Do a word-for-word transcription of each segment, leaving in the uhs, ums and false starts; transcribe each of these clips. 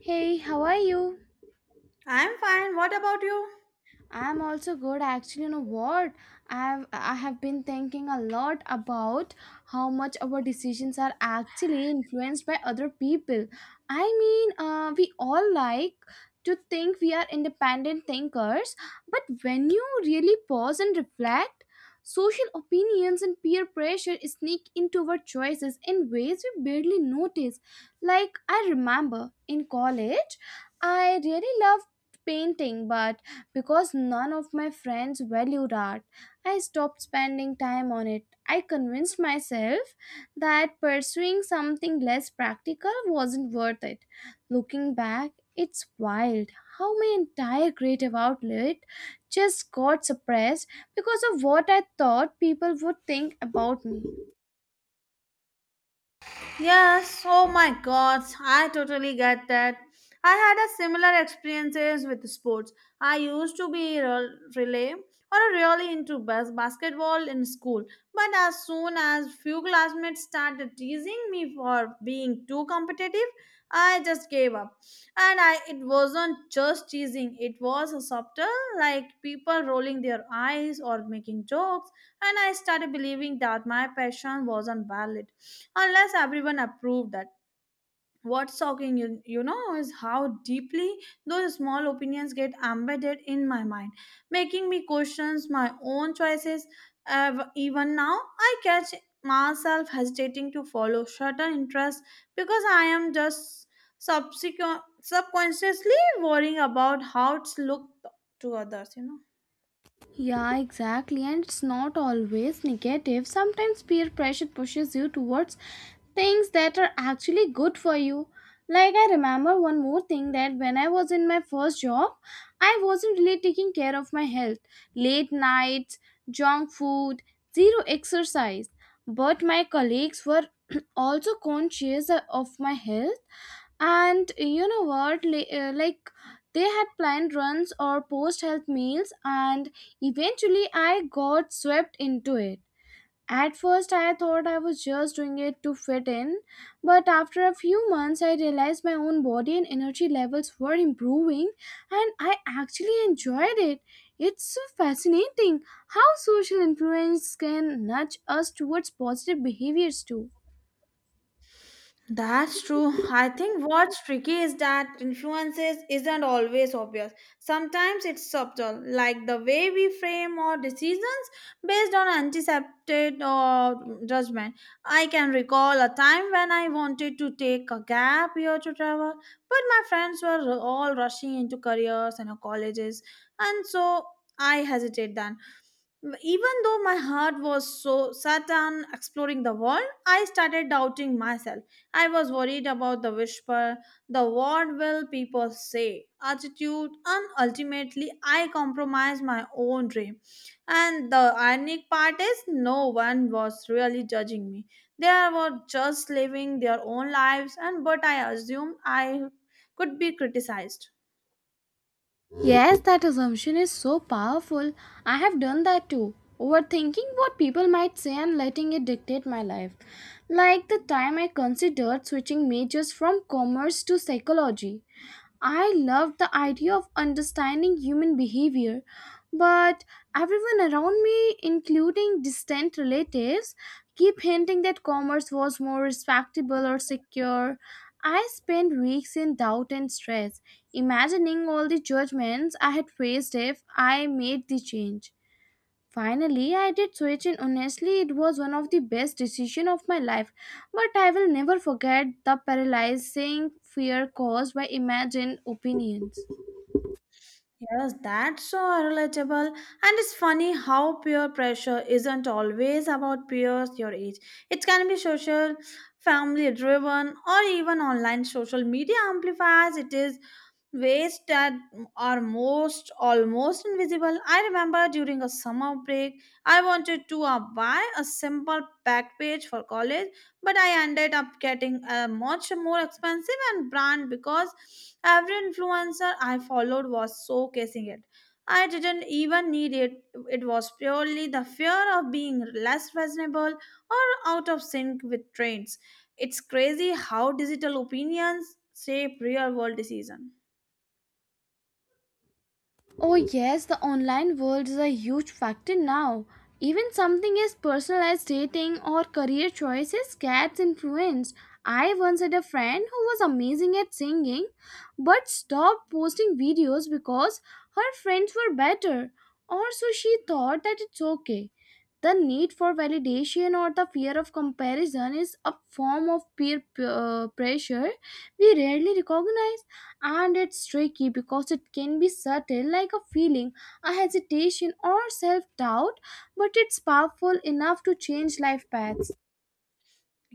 Hey, how are you? I'm fine. What about you? I'm also good actually, you know what, I've I have been thinking a lot about how much our decisions are actually influenced by other people. I mean, uh, we all like to think we are independent thinkers, but when you really pause and reflect, social opinions and peer pressure sneak into our choices in ways we barely notice. Like, I remember in college I really loved painting, but because none of my friends valued art, I stopped spending time on it. I convinced myself that pursuing something less practical wasn't worth it. Looking back, it's wild how my entire creative outlet just got suppressed because of what I thought people would think about me. Yes, oh my god, I totally get that. I had a similar experiences with sports. I used to be rel- relay or really into bas- basketball in school, but as soon as few classmates started teasing me for being too competitive, I just gave up. And I it wasn't just teasing, it was a subtle like people rolling their eyes or making jokes, and I started believing that my passion wasn't valid unless everyone approved that what's shocking you, you know is how deeply those small opinions get embedded in my mind making me question my own choices. Ev- even now I catch myself hesitating to follow certain interests because I am just subsequent, subconsciously worrying about how it's looked to others you know Yeah, exactly. And it's not always negative. Sometimes peer pressure pushes you towards things that are actually good for you. Like, I remember one more thing, that when I was in my first job, I wasn't really taking care of my health. Late nights, junk food, zero exercise. But my colleagues were also conscious of my health, and you know what li- uh, like they had planned runs or post health meals, and eventually I got swept into it. At first, I thought I was just doing it to fit in, but after a few months, I realized my own body and energy levels were improving, and I actually enjoyed it. It's so fascinating how social influence can nudge us towards positive behaviors, too. That's true. I think what's tricky is that influences isn't always obvious. Sometimes it's subtle, like the way we frame our decisions based on anticipated or judgment. I can recall a time when I wanted to take a gap year to travel, but my friends were all rushing into careers and colleges, and so I hesitated then. Even though my heart was so set on exploring the world, I started doubting myself. I was worried about the whisper, the what will people say, attitude, and ultimately I compromised my own dream. And the ironic part is, no one was really judging me. They were just living their own lives, and but I assumed I could be criticized. Yes, that assumption is so powerful. I have done that too. Overthinking what people might say and letting it dictate my life. Like the time I considered switching majors from commerce to psychology. I loved the idea of understanding human behavior, but everyone around me, including distant relatives, keep hinting that commerce was more respectable or secure. I spent weeks in doubt and stress, imagining all the judgments I had faced if I made the change. Finally, I did switch, and honestly it was one of the best decisions of my life. But I will never forget the paralyzing fear caused by imagined opinions. Yes, that's so relatable. And it's funny how peer pressure isn't always about peers your age. It can be social, family driven, or even online social media amplifies. It is ways that are most almost invisible. I remember during a summer break, I wanted to uh, buy a simple back page for college, but I ended up getting a much more expensive and brand because every influencer I followed was showcasing it. I didn't even need it. It was purely the fear of being less fashionable or out of sync with trends. It's crazy how digital opinions shape real world decisions. Oh, yes, the online world is a huge factor now. Even something as personalized dating or career choices gets influenced. I once had a friend who was amazing at singing but stopped posting videos because her friends were better, or so she thought that it's okay. The need for validation or the fear of comparison is a form of peer uh, pressure we rarely recognize, and it's tricky because it can be subtle, like a feeling, a hesitation, or self-doubt, but it's powerful enough to change life paths.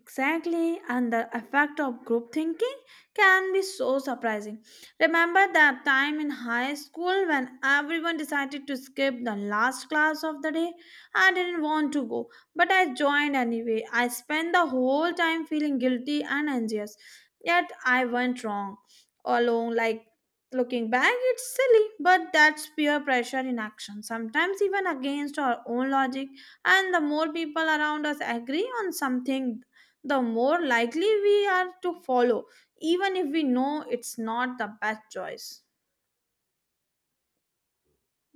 Exactly, and the effect of group thinking can be so surprising. Remember that time in high school when everyone decided to skip the last class of the day? I didn't want to go, but I joined anyway. I spent the whole time feeling guilty and anxious, yet I went wrong. Alone, like looking back, it's silly, but that's peer pressure in action, sometimes even against our own logic. And the more people around us agree on something, the more likely we are to follow, even if we know it's not the best choice.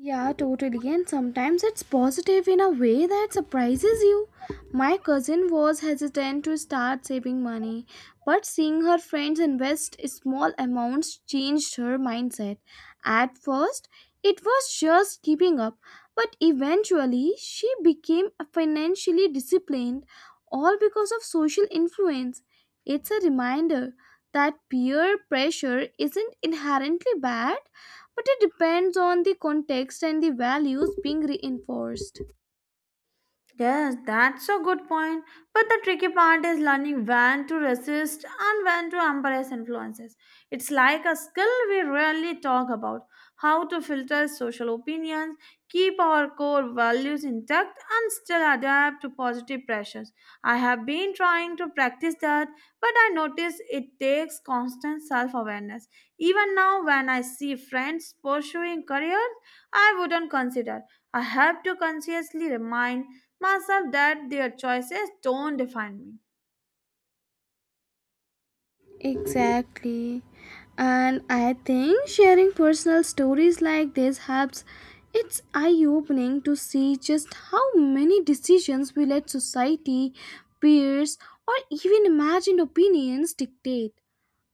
Yeah, totally. And sometimes it's positive in a way that surprises you. My cousin was hesitant to start saving money, but seeing her friends invest small amounts changed her mindset. At first, it was just keeping up, but eventually, she became financially disciplined, all because of social influence. It's a reminder that peer pressure isn't inherently bad, but it depends on the context and the values being reinforced. Yes, that's a good point. But the tricky part is learning when to resist and when to embrace influences. It's like a skill we rarely talk about how to filter social opinions, keep our core values intact, and still adapt to positive pressures. I have been trying to practice that, but I notice it takes constant self awareness. Even now, when I see friends pursuing careers I wouldn't consider, I have to consciously remind myself that their choices don't define me. Exactly. And I think sharing personal stories like this helps. It's eye opening to see just how many decisions we let society, peers, or even imagined opinions dictate.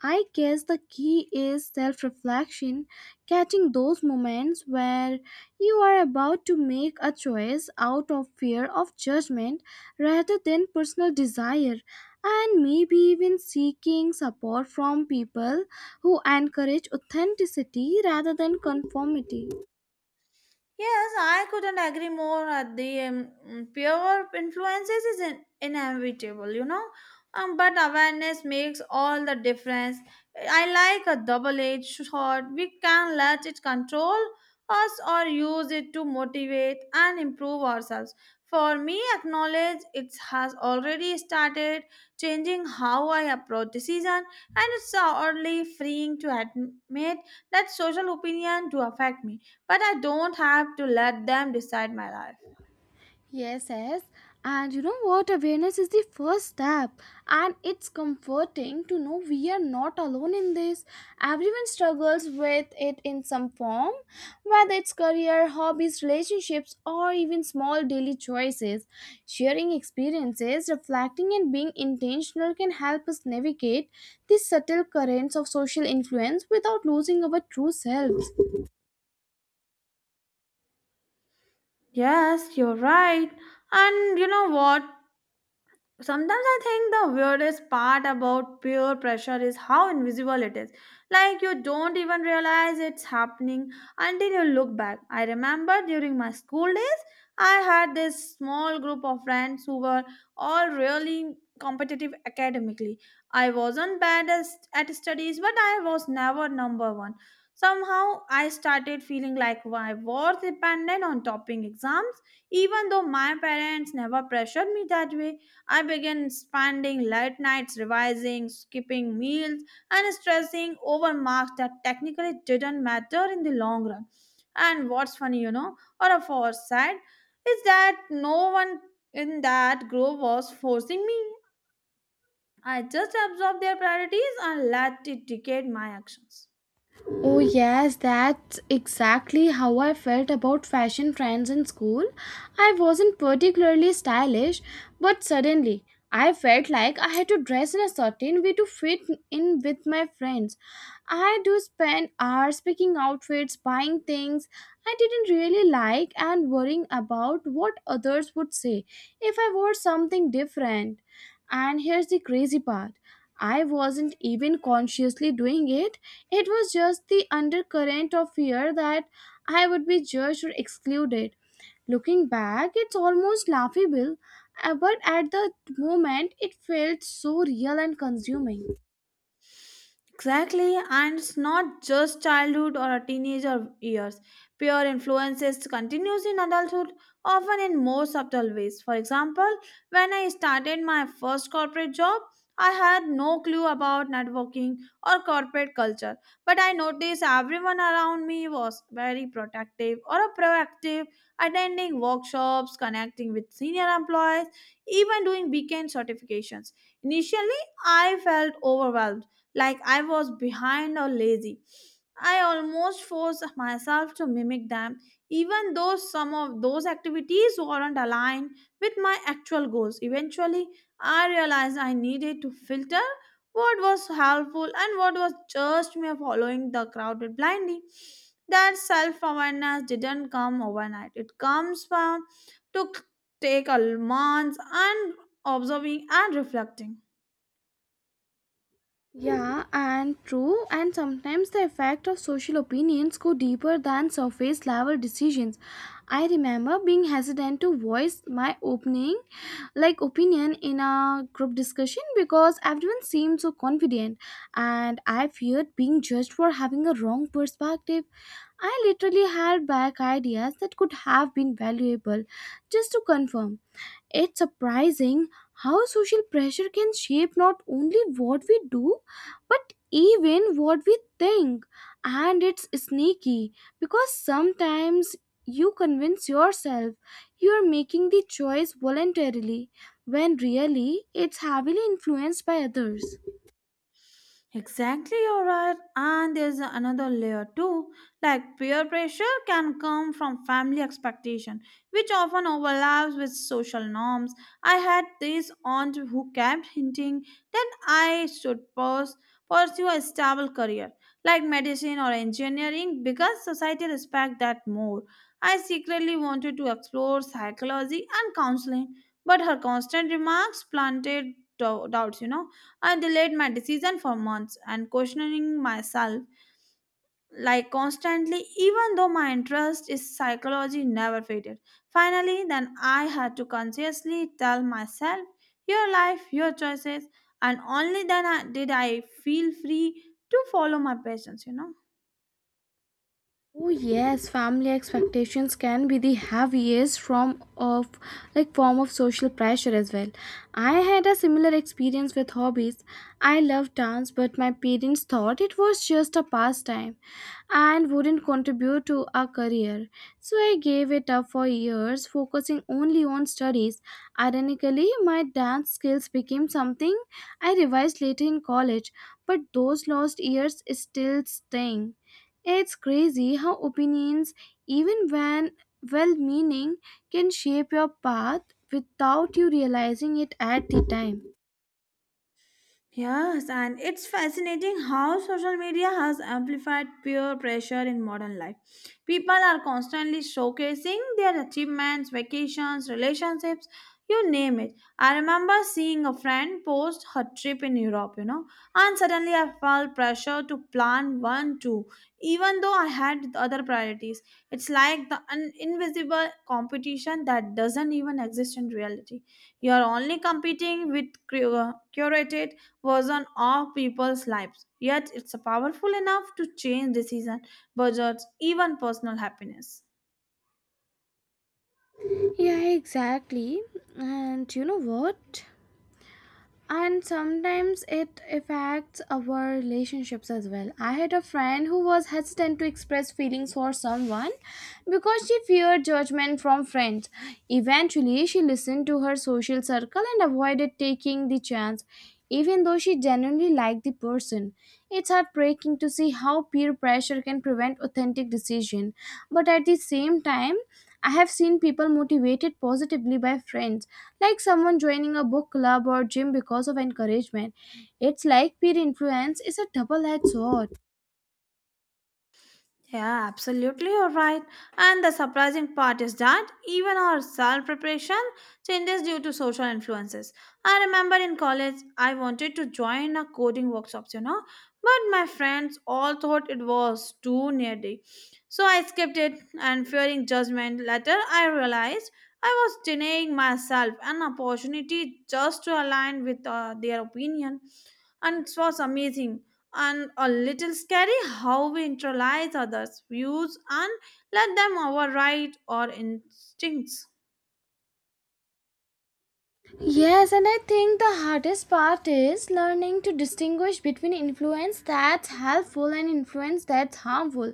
I guess the key is self reflection, catching those moments where you are about to make a choice out of fear of judgment rather than personal desire, and maybe even seeking support from people who encourage authenticity rather than conformity. Yes, I couldn't agree more. At the um, mm, pure influences is in, inevitable, you know. Um, but awareness makes all the difference. I like a double-edged sword. We can let it control us or use it to motivate and improve ourselves. For me, acknowledge it has already started changing how I approach the season, and it's oddly freeing to admit that social opinion do affect me but I don't have to let them decide my life. Yes, yes. And you know what? Awareness is the first step. And it's comforting to know we are not alone in this. Everyone struggles with it in some form, whether it's career, hobbies, relationships, or even small daily choices. Sharing experiences, reflecting, and being intentional can help us navigate these subtle currents of social influence without losing our true self. Yes, you're right. And you know what? Sometimes I think the weirdest part about peer pressure is how invisible it is, like you don't even realize it's happening until you look back. I remember during my school days I had this small group of friends who were all really competitive academically. I wasn't bad as, at studies but I was never number one. Somehow I started feeling like my worth depended on topping exams even though my parents never pressured me that way. I began spending late nights revising, skipping meals, and stressing over marks that technically didn't matter in the long run. And what's funny, you know, or a foresight, is that no one in that group was forcing me. I just absorbed their priorities and let it dictate my actions. Oh, yes, that's exactly how I felt about fashion trends in school. I wasn't particularly stylish, but suddenly I felt like I had to dress in a certain way to fit in with my friends. I do spend hours picking outfits, buying things I didn't really like, and worrying about what others would say if I wore something different. And here's the crazy part. I wasn't even consciously doing it. It was just the undercurrent of fear that I would be judged or excluded. Looking back, it's almost laughable, uh, but at the moment, it felt so real and consuming. Exactly, and it's not just childhood or a teenager years. Peer influences continues in adulthood, often in more subtle ways. For example, when I started my first corporate job, I had no clue about networking or corporate culture, but I noticed everyone around me was very protective or proactive, attending workshops, connecting with senior employees, even doing weekend certifications. Initially, I felt overwhelmed like I was behind or lazy. I almost forced myself to mimic them, even though some of those activities weren't aligned with my actual goals. Eventually, I realized I needed to filter what was helpful and what was just me following the crowded blindly. That self awareness didn't come overnight, it comes from took take a month and observing and reflecting. Yeah, and true, and sometimes the effect of social opinions go deeper than surface level decisions. I remember being hesitant to voice my opening like opinion in a group discussion because everyone seemed so confident, and I feared being judged for having a wrong perspective. I literally held back ideas that could have been valuable just to confirm. It's surprising how social pressure can shape not only what we do, but even what we think. And it's sneaky because sometimes you convince yourself you're making the choice voluntarily when really it's heavily influenced by others. Exactly, you're right. And there's another layer too. Like peer pressure can come from family expectation, which often overlaps with social norms. I had this aunt who kept hinting that I should pers- pursue a stable career, like medicine or engineering, because society respects that more. I secretly wanted to explore psychology and counseling, but her constant remarks planted dou- doubts, you know. I delayed my decision for months and questioning myself like constantly even though my interest in psychology never faded. Finally then I had to consciously tell myself your life, your choices and only then I, did I feel free to follow my passions, you know. Oh yes, family expectations can be the heaviest form of like form of social pressure as well. I had a similar experience with hobbies. I love dance, but my parents thought it was just a pastime and wouldn't contribute to a career. So I gave it up for years, focusing only on studies. Ironically, my dance skills became something I revised later in college, but those lost years still sting. It's crazy how opinions, even when well meaning, can shape your path without you realizing it at the time. Yes, and it's fascinating how social media has amplified peer pressure in modern life. People are constantly showcasing their achievements, vacations, relationships, you name it. I remember seeing a friend post her trip in Europe, you know, and suddenly I felt pressure to plan one too, even though I had other priorities. It's like the un- invisible competition that doesn't even exist in reality. You're only competing with cur- uh, curated was on all people's lives. Yet it's powerful enough to change decisions, budgets, even personal happiness. Yeah, exactly. And you know what? And sometimes it affects our relationships as well. I had a friend who was hesitant to express feelings for someone because she feared judgment from friends. Eventually she listened to her social circle and avoided taking the chance, even though she genuinely liked the person. It's heartbreaking to see how peer pressure can prevent authentic decision, but at the same time, I have seen people motivated positively by friends, like someone joining a book club or gym because of encouragement. It's like peer influence is a double edged sword. Yeah, absolutely, you're right. And the surprising part is that even our self preparation changes due to social influences. I remember in college, I wanted to join a coding workshops, you know, but my friends all thought it was too nerdy. So I skipped it and fearing judgment. Later, I realized I was denying myself an opportunity just to align with uh, their opinion. And it was amazing and a little scary how we internalize others' views and let them override our instincts. Yes, and I think the hardest part is learning to distinguish between influence that's helpful and influence that's harmful.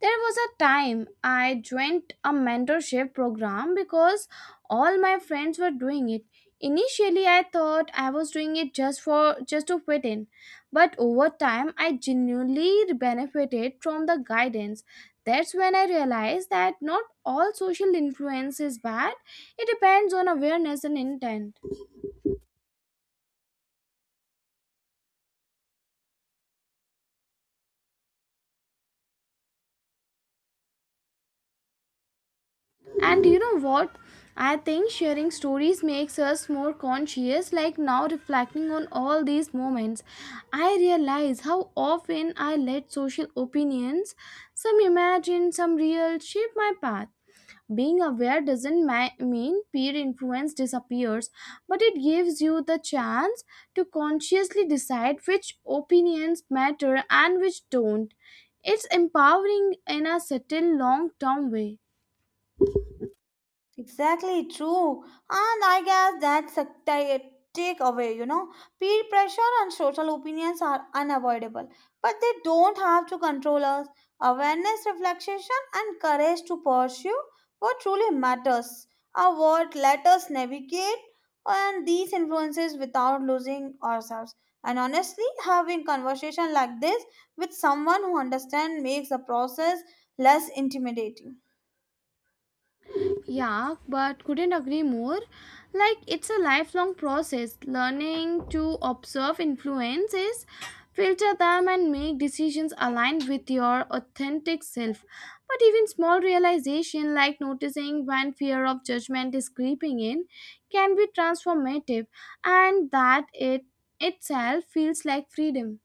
There was a time I joined a mentorship program because all my friends were doing it. Initially, I thought I was doing it just for just to fit in, but over time, I genuinely benefited from the guidance. That's when I realized that not all social influence is bad. It depends on awareness and intent. And you know what? I think sharing stories makes us more conscious. Like now, reflecting on all these moments, I realize how often I let social opinions, some imagined, some real, shape my path. Being aware doesn't ma- mean peer influence disappears, but it gives you the chance to consciously decide which opinions matter and which don't. It's empowering in a subtle long term way. Exactly true. And I guess that's a ti- takeaway, you know. Peer pressure and social opinions are unavoidable, but they don't have to control us. Awareness, reflection, and courage to pursue what truly matters are what let us navigate and these influences without losing ourselves. And honestly, having conversation like this with someone who understands makes the process less intimidating. Yeah, but couldn't agree more. Like, it's a lifelong process. Learning to observe influences, filter them, and make decisions aligned with your authentic self. But even small realization, like noticing when fear of judgment is creeping in, can be transformative, and that it itself feels like freedom.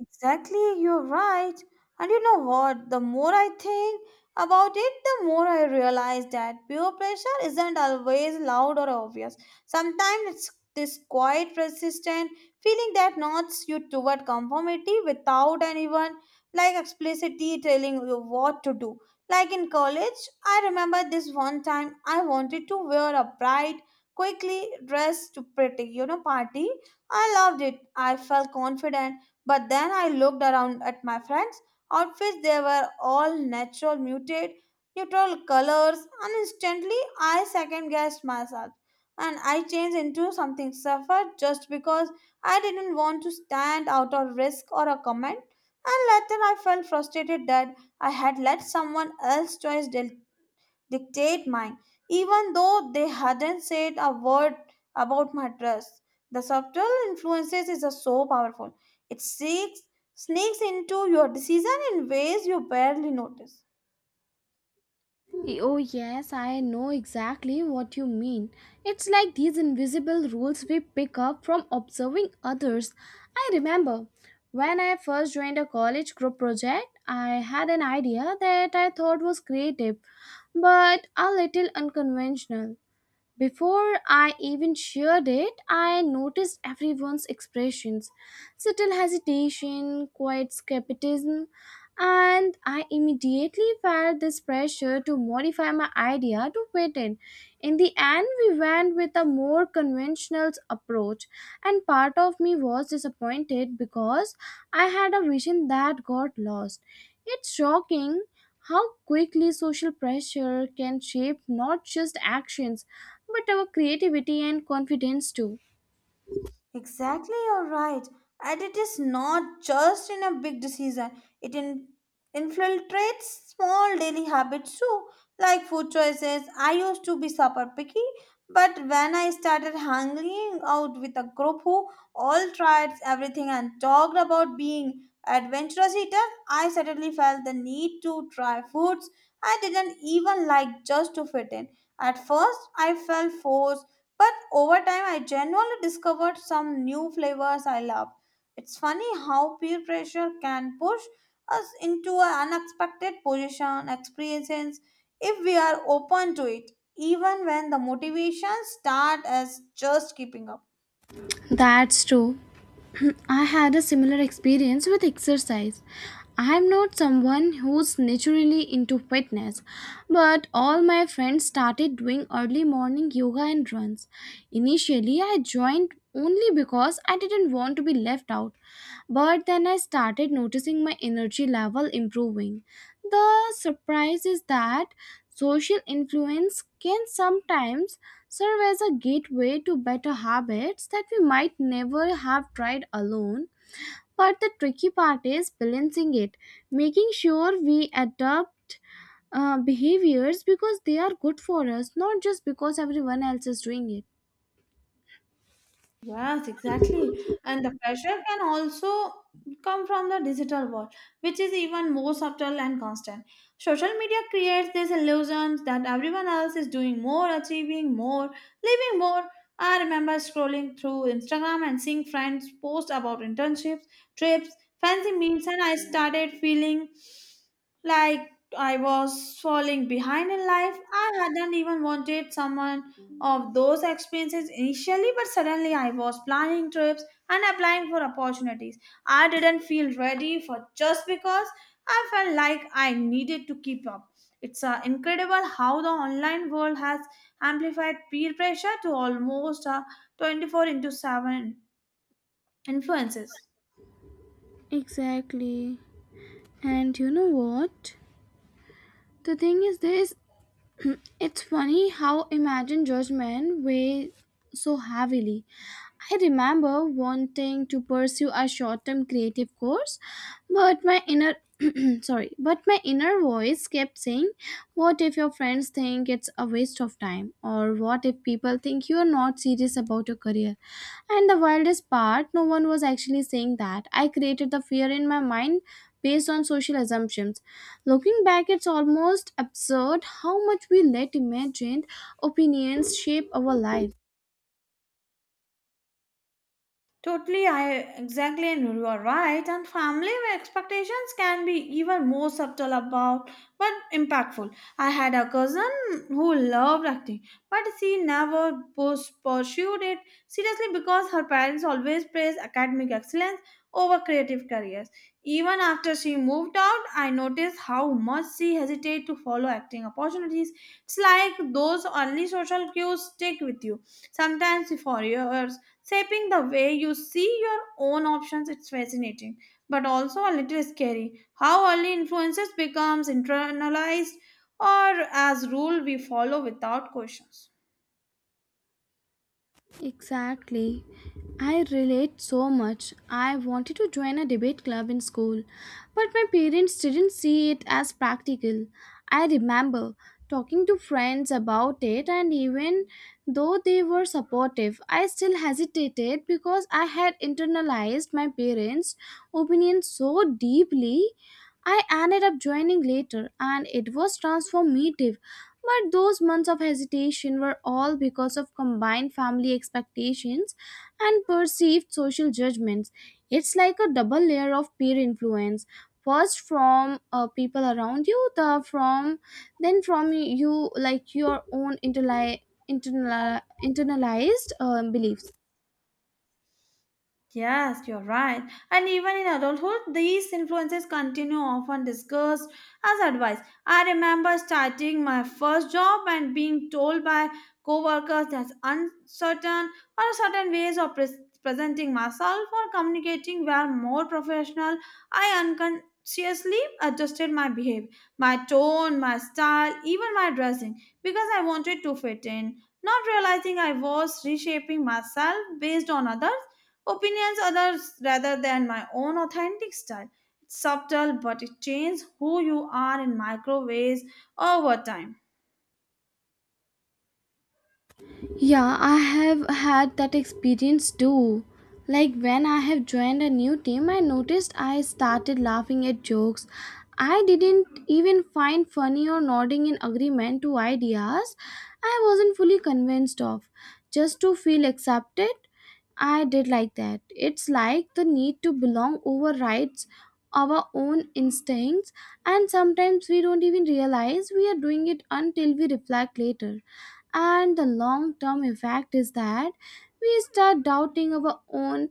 Exactly, you're right. And you know what? The more I think about it, the more I realize that peer pressure isn't always loud or obvious. Sometimes it's this quiet, persistent feeling that nods you toward conformity without anyone like explicitly telling you what to do. Like in college, I remember this one time I wanted to wear a bright, quickly dressed, pretty, you know, party. I loved it. I felt confident but then I looked around at my friends' outfits, they were all natural, muted, neutral colors, and instantly I second guessed myself. And I changed into something safer just because I didn't want to stand out or risk or a comment. And later I felt frustrated that I had let someone else's choice dictate mine, even though they hadn't said a word about my dress. The subtle influences is uh, so powerful. It seeks, sneaks into your decision in ways you barely notice. Oh, yes, I know exactly what you mean. It's like these invisible rules we pick up from observing others. I remember when I first joined a college group project, I had an idea that I thought was creative but a little unconventional. Before I even shared it, I noticed everyone's expressions, subtle hesitation, quiet skepticism, and I immediately felt this pressure to modify my idea to fit in. In the end, we went with a more conventional approach, and part of me was disappointed because I had a vision that got lost. It's shocking how quickly social pressure can shape not just actions but our creativity and confidence too. Exactly, you're right. And it is not just in a big decision, it in- infiltrates small daily habits too, like food choices. I used to be super picky, but when I started hanging out with a group who all tried everything and talked about being adventurous eaters, I suddenly felt the need to try foods I didn't even like just to fit in. At first, I felt forced but over time, I genuinely discovered some new flavors I love. It's funny how peer pressure can push us into an unexpected position, experiences, if we are open to it, even when the motivations start as just keeping up. That's true. I had a similar experience with exercise. I am not someone who's naturally into fitness, but all my friends started doing early morning yoga and runs. Initially, I joined only because I didn't want to be left out, but then I started noticing my energy level improving. The surprise is that social influence can sometimes serve as a gateway to better habits that we might never have tried alone. But the tricky part is balancing it, making sure we adopt uh, behaviors because they are good for us, not just because everyone else is doing it. Yes, exactly. And the pressure can also come from the digital world, which is even more subtle and constant. Social media creates this illusion that everyone else is doing more, achieving more, living more. I remember scrolling through Instagram and seeing friends post about internships, trips, fancy meals, and I started feeling like I was falling behind in life. I hadn't even wanted someone of those experiences initially, but suddenly I was planning trips and applying for opportunities. I didn't feel ready for just because I felt like I needed to keep up. It's uh, incredible how the online world has amplified peer pressure to almost uh, twenty-four into seven influences. Exactly. And you know what? The thing is this, it's funny how imagine judgment weighs so heavily. I remember wanting to pursue a short-term creative course, but my inner sorry, but my inner voice kept saying, what if your friends think it's a waste of time, or what if people think you're not serious about your career? And the wildest part, no one was actually saying that. I created the fear in my mind based on social assumptions. Looking back, it's almost absurd how much we let imagined opinions shape our lives. Totally, I exactly, and you are right. And family expectations can be even more subtle about, but impactful. I had a cousin who loved acting, but she never pus- pursued it seriously because her parents always praised academic excellence over creative careers. Even after she moved out, I noticed how much she hesitated to follow acting opportunities. It's like those early social cues stick with you sometimes for years shaping the way you see your own options. It's fascinating, but also a little scary. How early influences becomes internalized or as rule we follow without questions. Exactly. I relate so much. I wanted to join a debate club in school, but my parents didn't see it as practical. I remember talking to friends about it, and even though they were supportive, I still hesitated because I had internalized my parents' opinion so deeply. I ended up joining later and it was transformative. But those months of hesitation were all because of combined family expectations and perceived social judgments. It's like a double layer of peer influence. First from uh, people around you, the from then from you, like your own internali- internal internalized uh, beliefs. Yes, you're right. And even in adulthood, these influences continue often discussed as advice. I remember starting my first job and being told by coworkers that uncertain or certain ways of pres presenting myself or communicating were more professional. I unconsciously adjusted my behavior, my tone, my style, even my dressing because I wanted to fit in. Not realizing I was reshaping myself based on others opinions others rather than my own authentic style. It's subtle, but it changes who you are in micro ways over time. Yeah, I have had that experience too. Like when I have joined a new team, I noticed I started laughing at jokes I didn't even find funny, or nodding in agreement to ideas I wasn't fully convinced of. Just to feel accepted, I did like that. It's like the need to belong overrides our own instincts, and sometimes we don't even realize we are doing it until we reflect later, and the long term effect is that we start doubting our own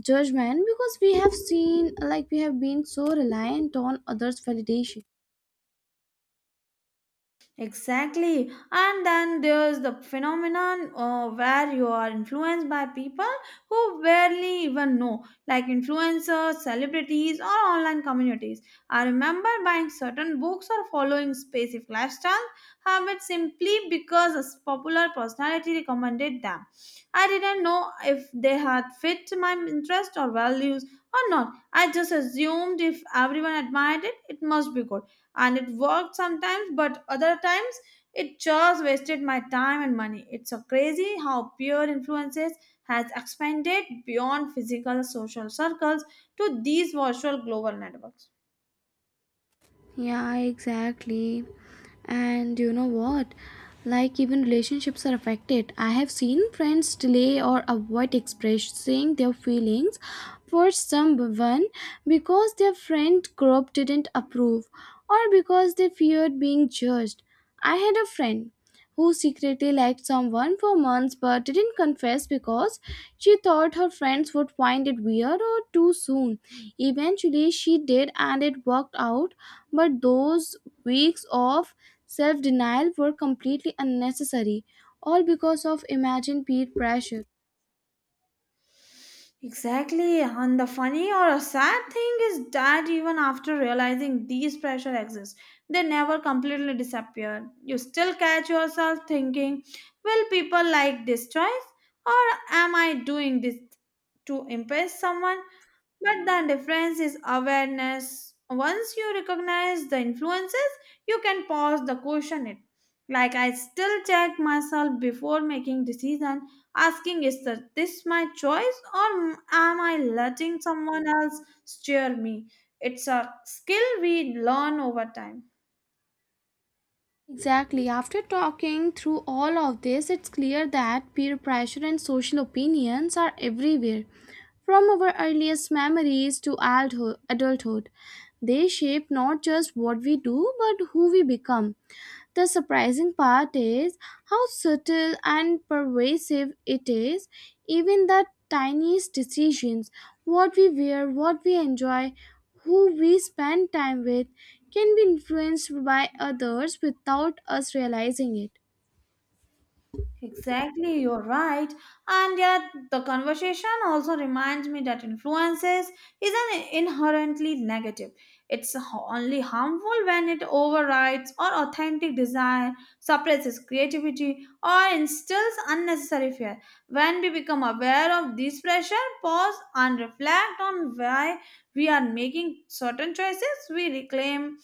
judgment because we have seen like we have been so reliant on others validation. Exactly. And then there's the phenomenon uh, where you are influenced by people who barely even know, like influencers, celebrities, or online communities. I remember buying certain books or following specific lifestyle habits simply because a popular personality recommended them. I didn't know if they had fit my interest or values or not. I just assumed if everyone admired it, it must be good, and it worked sometimes but other times it just wasted my time and money. It's so crazy how peer influences has expanded beyond physical social circles to these virtual global networks. Yeah, exactly. And you know what? Like, even relationships are affected. I have seen friends delay or avoid expressing their feelings for someone because their friend group didn't approve or because they feared being judged. I had a friend who secretly liked someone for months but didn't confess because she thought her friends would find it weird or too soon. Eventually, she did, and it worked out, but those weeks of self denial were completely unnecessary, all because of imagined peer pressure. Exactly, and the funny or a sad thing is that even after realizing these pressure exist, they never completely disappear. You still catch yourself thinking, will people like this choice? Or am I doing this to impress someone? But the difference is awareness. Once you recognize the influences, you can pause the question it. Like I still check myself before making decision, asking is that this my choice or am I letting someone else steer me? It's a skill we learn over time. Exactly. After talking through all of this, it's clear that peer pressure and social opinions are everywhere. From our earliest memories to adultho- adulthood, they shape not just what we do but who we become. The surprising part is how subtle and pervasive it is. Even the tiniest decisions, what we wear, what we enjoy, who we spend time with, can be influenced by others without us realizing it. Exactly, you're right. And yet, the conversation also reminds me that influences isn't inherently negative. It's h- only harmful when it overrides or authentic desire, suppresses creativity, or instills unnecessary fear. When we become aware of this pressure, pause and reflect on why we are making certain choices, we reclaim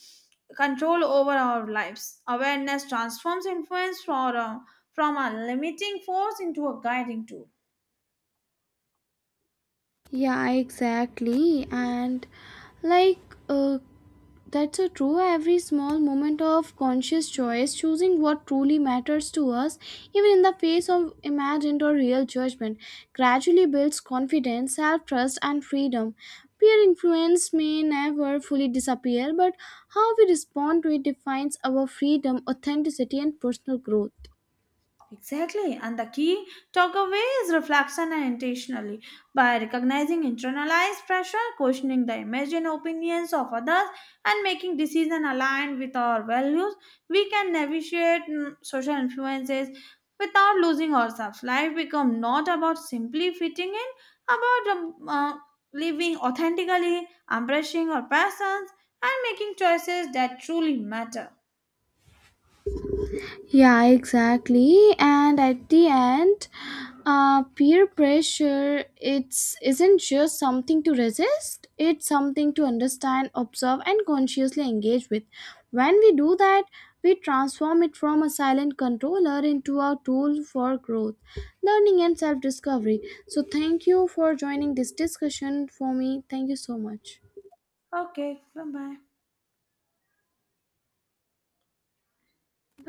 control over our lives. Awareness transforms influence from from a limiting force into a guiding tool. Yeah, exactly. And like, uh, that's so true. Every small moment of conscious choice, choosing what truly matters to us, even in the face of imagined or real judgment, gradually builds confidence, self trust, and freedom. Peer influence may never fully disappear, but how we respond to it defines our freedom, authenticity, and personal growth. Exactly, and the key takeaway is reflection and intentionally by recognizing internalized pressure, questioning the imagined opinions of others, and making decisions aligned with our values, we can navigate mm, social influences without losing ourselves. Life becomes not about simply fitting in, about um, uh, living authentically, embracing our passions, and making choices that truly matter. Yeah, exactly. And at the end, uh, peer pressure it's isn't just something to resist. It's something to understand, observe, and consciously engage with. When we do that, we transform it from a silent controller into a tool for growth, learning, and self-discovery. So, thank you for joining this discussion for me. Thank you so much. Okay, bye bye.